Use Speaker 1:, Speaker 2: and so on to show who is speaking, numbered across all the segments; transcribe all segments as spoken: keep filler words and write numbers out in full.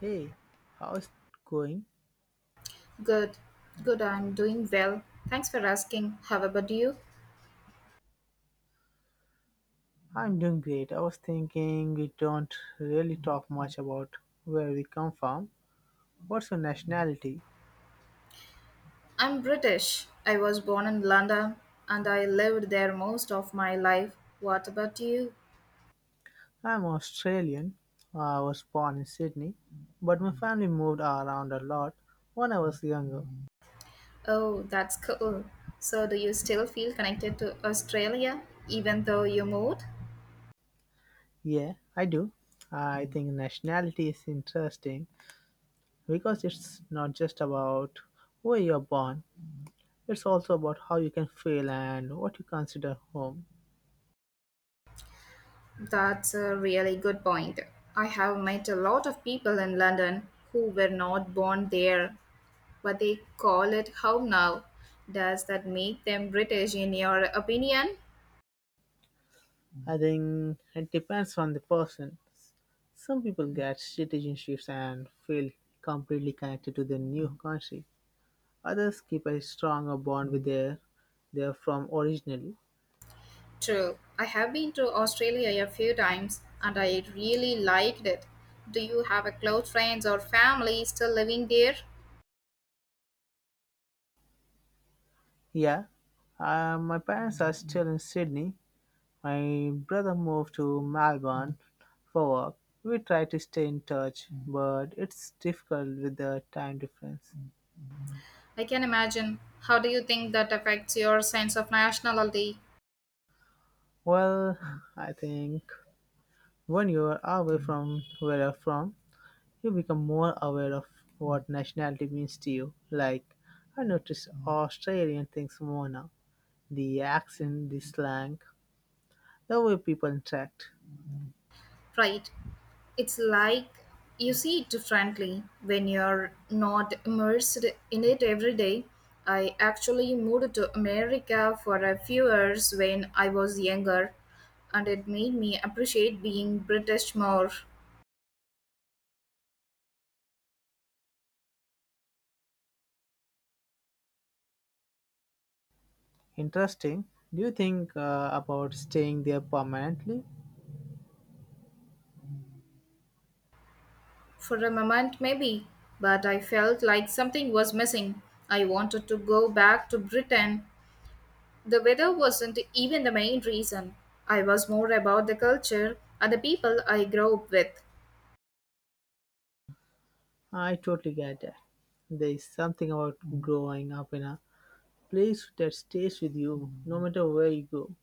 Speaker 1: Hey, how's it going?
Speaker 2: Good, good, I'm doing well. Thanks for asking. How about you?
Speaker 1: I'm doing great. I was thinking we don't really talk much about where we come from. What's your nationality?
Speaker 2: I'm British. I was born in London and I lived there most of my life. What about you?
Speaker 1: I'm Australian. I was born in Sydney, but my family moved around a lot when I was younger.
Speaker 2: Oh, that's cool. So, do you still feel connected to Australia even though you moved?
Speaker 1: Yeah, I do. I think nationality is interesting because it's not just about where you're born, it's also about how you can feel and what you consider home.
Speaker 2: That's a really good point. I have met a lot of people in London who were not born there, but they call it home now. Does that make them British in your opinion?
Speaker 1: I think it depends on the person. Some people get citizenships and feel completely connected to their new country. Others keep a stronger bond with their their from originally.
Speaker 2: True. I have been to Australia a few times and I really liked it. Do you have a close friends or family still living there?
Speaker 1: Yeah, uh, my parents are still in Sydney. My brother moved to Melbourne for work. We try to stay in touch, but it's difficult with the time difference.
Speaker 2: I can imagine. How do you think that affects your sense of nationality?
Speaker 1: Well, I think when you are away from where you're from, you become more aware of what nationality means to you. Like, I notice Australian things more now. The accent, the slang, the way people interact.
Speaker 2: Right. It's like you see it differently when you're not immersed in it every day. I actually moved to America for a few years when I was younger, and it made me appreciate being British more.
Speaker 1: Interesting. Do you think uh, about staying there permanently?
Speaker 2: For a moment, maybe, but I felt like something was missing. I wanted to go back to Britain. The weather wasn't even the main reason. I was more about the culture and the people I grew up with.
Speaker 1: I totally get that. There is something about growing up in a place that stays with you no matter where you go.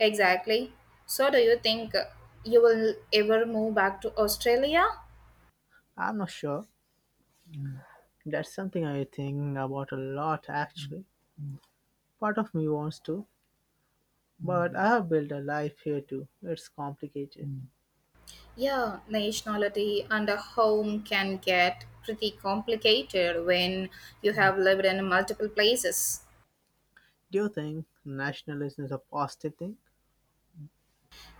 Speaker 2: Exactly. So, do you think uh, you will ever move back to Australia?
Speaker 1: I'm not sure. That's something I think about a lot actually. Part of me wants to, but I have built a life here too. It's complicated. Mm.
Speaker 2: Yeah, nationality and a home can get pretty complicated when you have lived in multiple places.
Speaker 1: Do you think nationalism is a positive thing?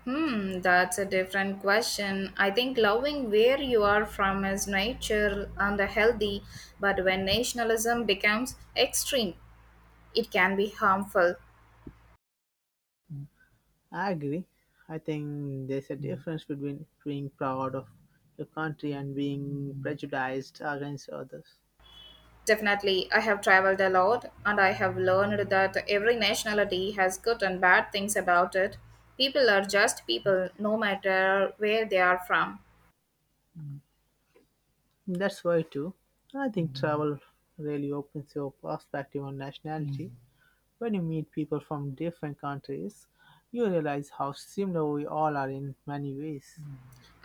Speaker 2: Hmm, that's a different question. I think loving where you are from is nature and healthy, but when nationalism becomes extreme, it can be harmful.
Speaker 1: I agree. I think there's a difference between being proud of your country and being prejudiced against others.
Speaker 2: Definitely, I have traveled a lot and I have learned that every nationality has good and bad things about it. People are just people, no matter where they are from.
Speaker 1: That's why too. I think travel really opens your perspective on nationality. When you meet people from different countries, you realize how similar we all are in many ways.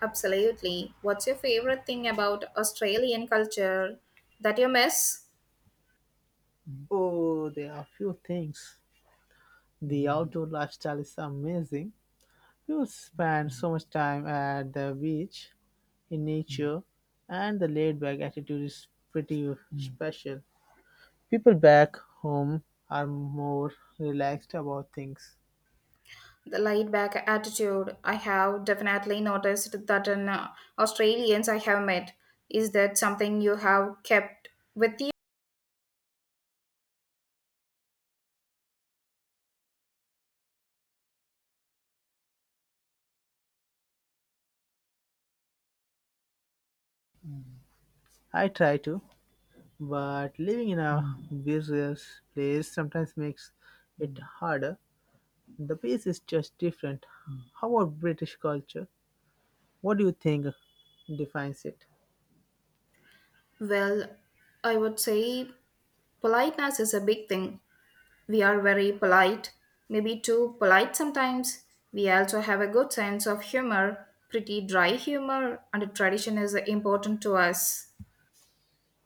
Speaker 2: Absolutely. What's your favorite thing about Australian culture that you miss?
Speaker 1: Oh, there are few things. The outdoor lifestyle is amazing. You spend so much time at the beach, in nature, and the laid back attitude is pretty special. People back home are more relaxed about things.
Speaker 2: The laid back attitude, I have definitely noticed that in uh, Australians I have met. Is that something you have kept with you?
Speaker 1: I try to, but living in a busier place sometimes makes it harder. The pace is just different. How about British culture? What do you think defines it?
Speaker 2: Well, I would say politeness is a big thing. We are very polite, maybe too polite sometimes. We also have a good sense of humor, pretty dry humor, and tradition is important to us.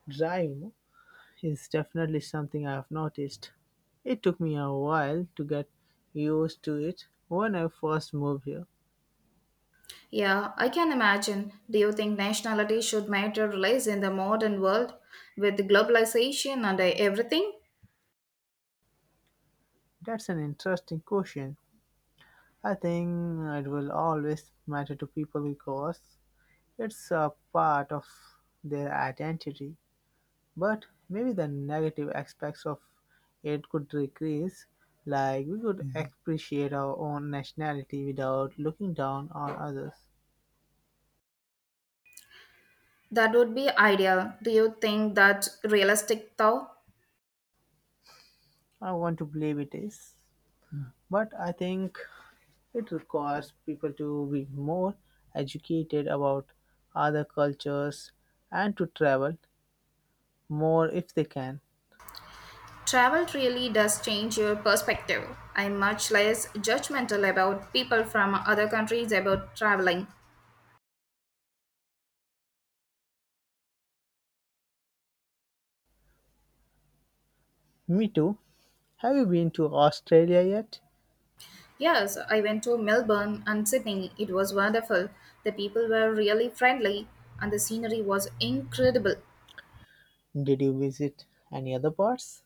Speaker 1: Drive, no? is definitely something I've noticed. It took me a while to get used to it when I first moved here.
Speaker 2: Yeah, I can imagine. Do you think nationality should matter less in the modern world with globalization and everything?
Speaker 1: That's an interesting question. I think it will always matter to people because it's a part of their identity. But maybe the negative aspects of it could decrease. Like, we could, mhm, appreciate our own nationality without looking down on others.
Speaker 2: That would be ideal. Do you think that realistic though?
Speaker 1: I want to believe it is. But I think it requires people to be more educated about other cultures and to travel more if they can.
Speaker 2: Travel really does change your perspective. I'm much less judgmental about people from other countries about traveling.
Speaker 1: Me too. Have you been to Australia yet?
Speaker 2: Yes, I went to Melbourne and Sydney. It was wonderful. The people were really friendly and the scenery was incredible.
Speaker 1: Did you visit any other parts?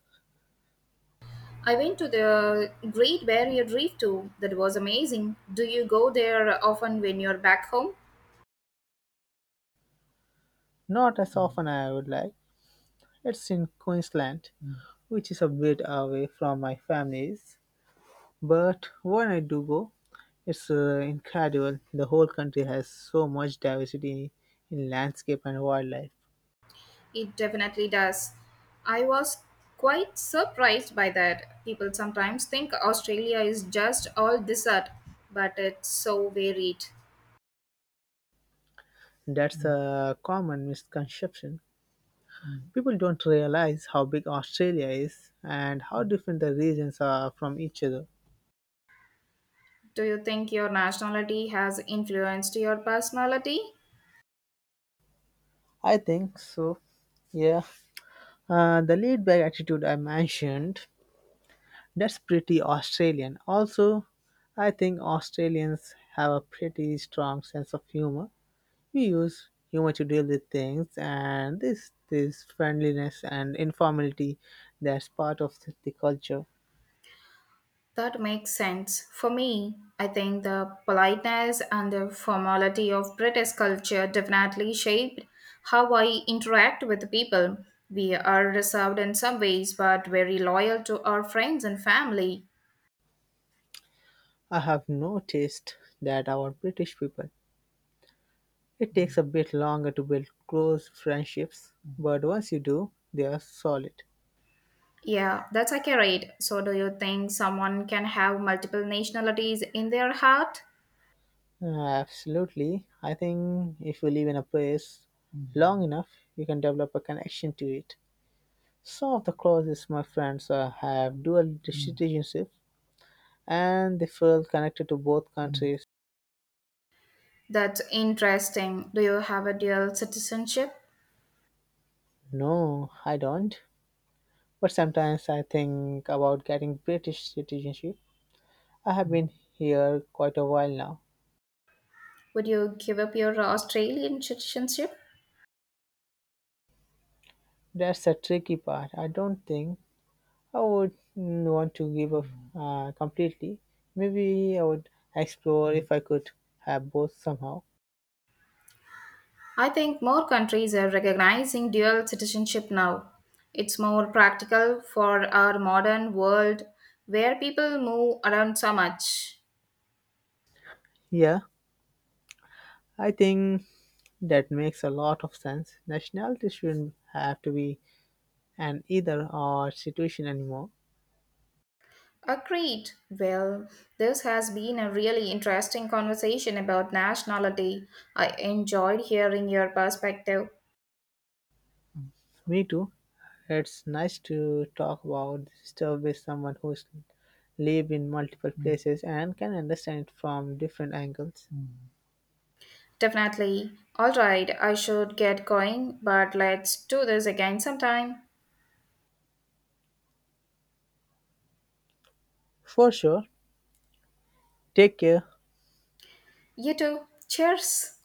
Speaker 2: I went to the Great Barrier Reef too. That was amazing. Do you go there often when you're back home?
Speaker 1: Not as often I would like. It's in Queensland, Mm. which is a bit away from my family's. But when I do go, it's uh, incredible. The whole country has so much diversity in landscape and wildlife.
Speaker 2: It definitely does. I was quite surprised by that. People sometimes think Australia is just all desert, but it's so varied.
Speaker 1: That's a common misconception. People don't realize how big Australia is and how different the regions are from each other.
Speaker 2: Do you think your nationality has influenced your personality?
Speaker 1: I think so. Yeah. Uh, the laid back attitude I mentioned, that's pretty Australian. Also, I think Australians have a pretty strong sense of humor. We use humor to deal with things, and this this friendliness and informality, that's part of the culture.
Speaker 2: That makes sense. For me, I think the politeness and the formality of British culture definitely shaped how I interact with people. We are reserved in some ways, but very loyal to our friends and family.
Speaker 1: I have noticed that our British people, it takes a bit longer to build close friendships, but once you do, they are solid.
Speaker 2: Yeah, that's accurate. So, do you think someone can have multiple nationalities in their heart?
Speaker 1: Uh, Absolutely. I think if you live in a place long enough, you can develop a connection to it. Some of the closest my friends uh, have dual citizenship and they feel connected to both countries.
Speaker 2: That's interesting. Do you have a dual citizenship?
Speaker 1: No, I don't. But sometimes I think about getting British citizenship. I have been here quite a while now.
Speaker 2: Would you give up your Australian citizenship?
Speaker 1: That's the tricky part. I don't think I would, mm, want to give up uh, completely. Maybe I would explore if I could have both somehow.
Speaker 2: I think more countries are recognizing dual citizenship now. It's more practical for our modern world where people move around so much.
Speaker 1: Yeah, I think that makes a lot of sense. Nationality shouldn't have to be an either or situation anymore.
Speaker 2: Agreed. Well, this has been a really interesting conversation about nationality. I enjoyed hearing your perspective.
Speaker 1: Me too. It's nice to talk about this stuff with someone who's lived in multiple places and can understand it from different angles.
Speaker 2: Definitely. All right, I should get going, but let's do this again sometime.
Speaker 1: For sure. Take care.
Speaker 2: You too. Cheers.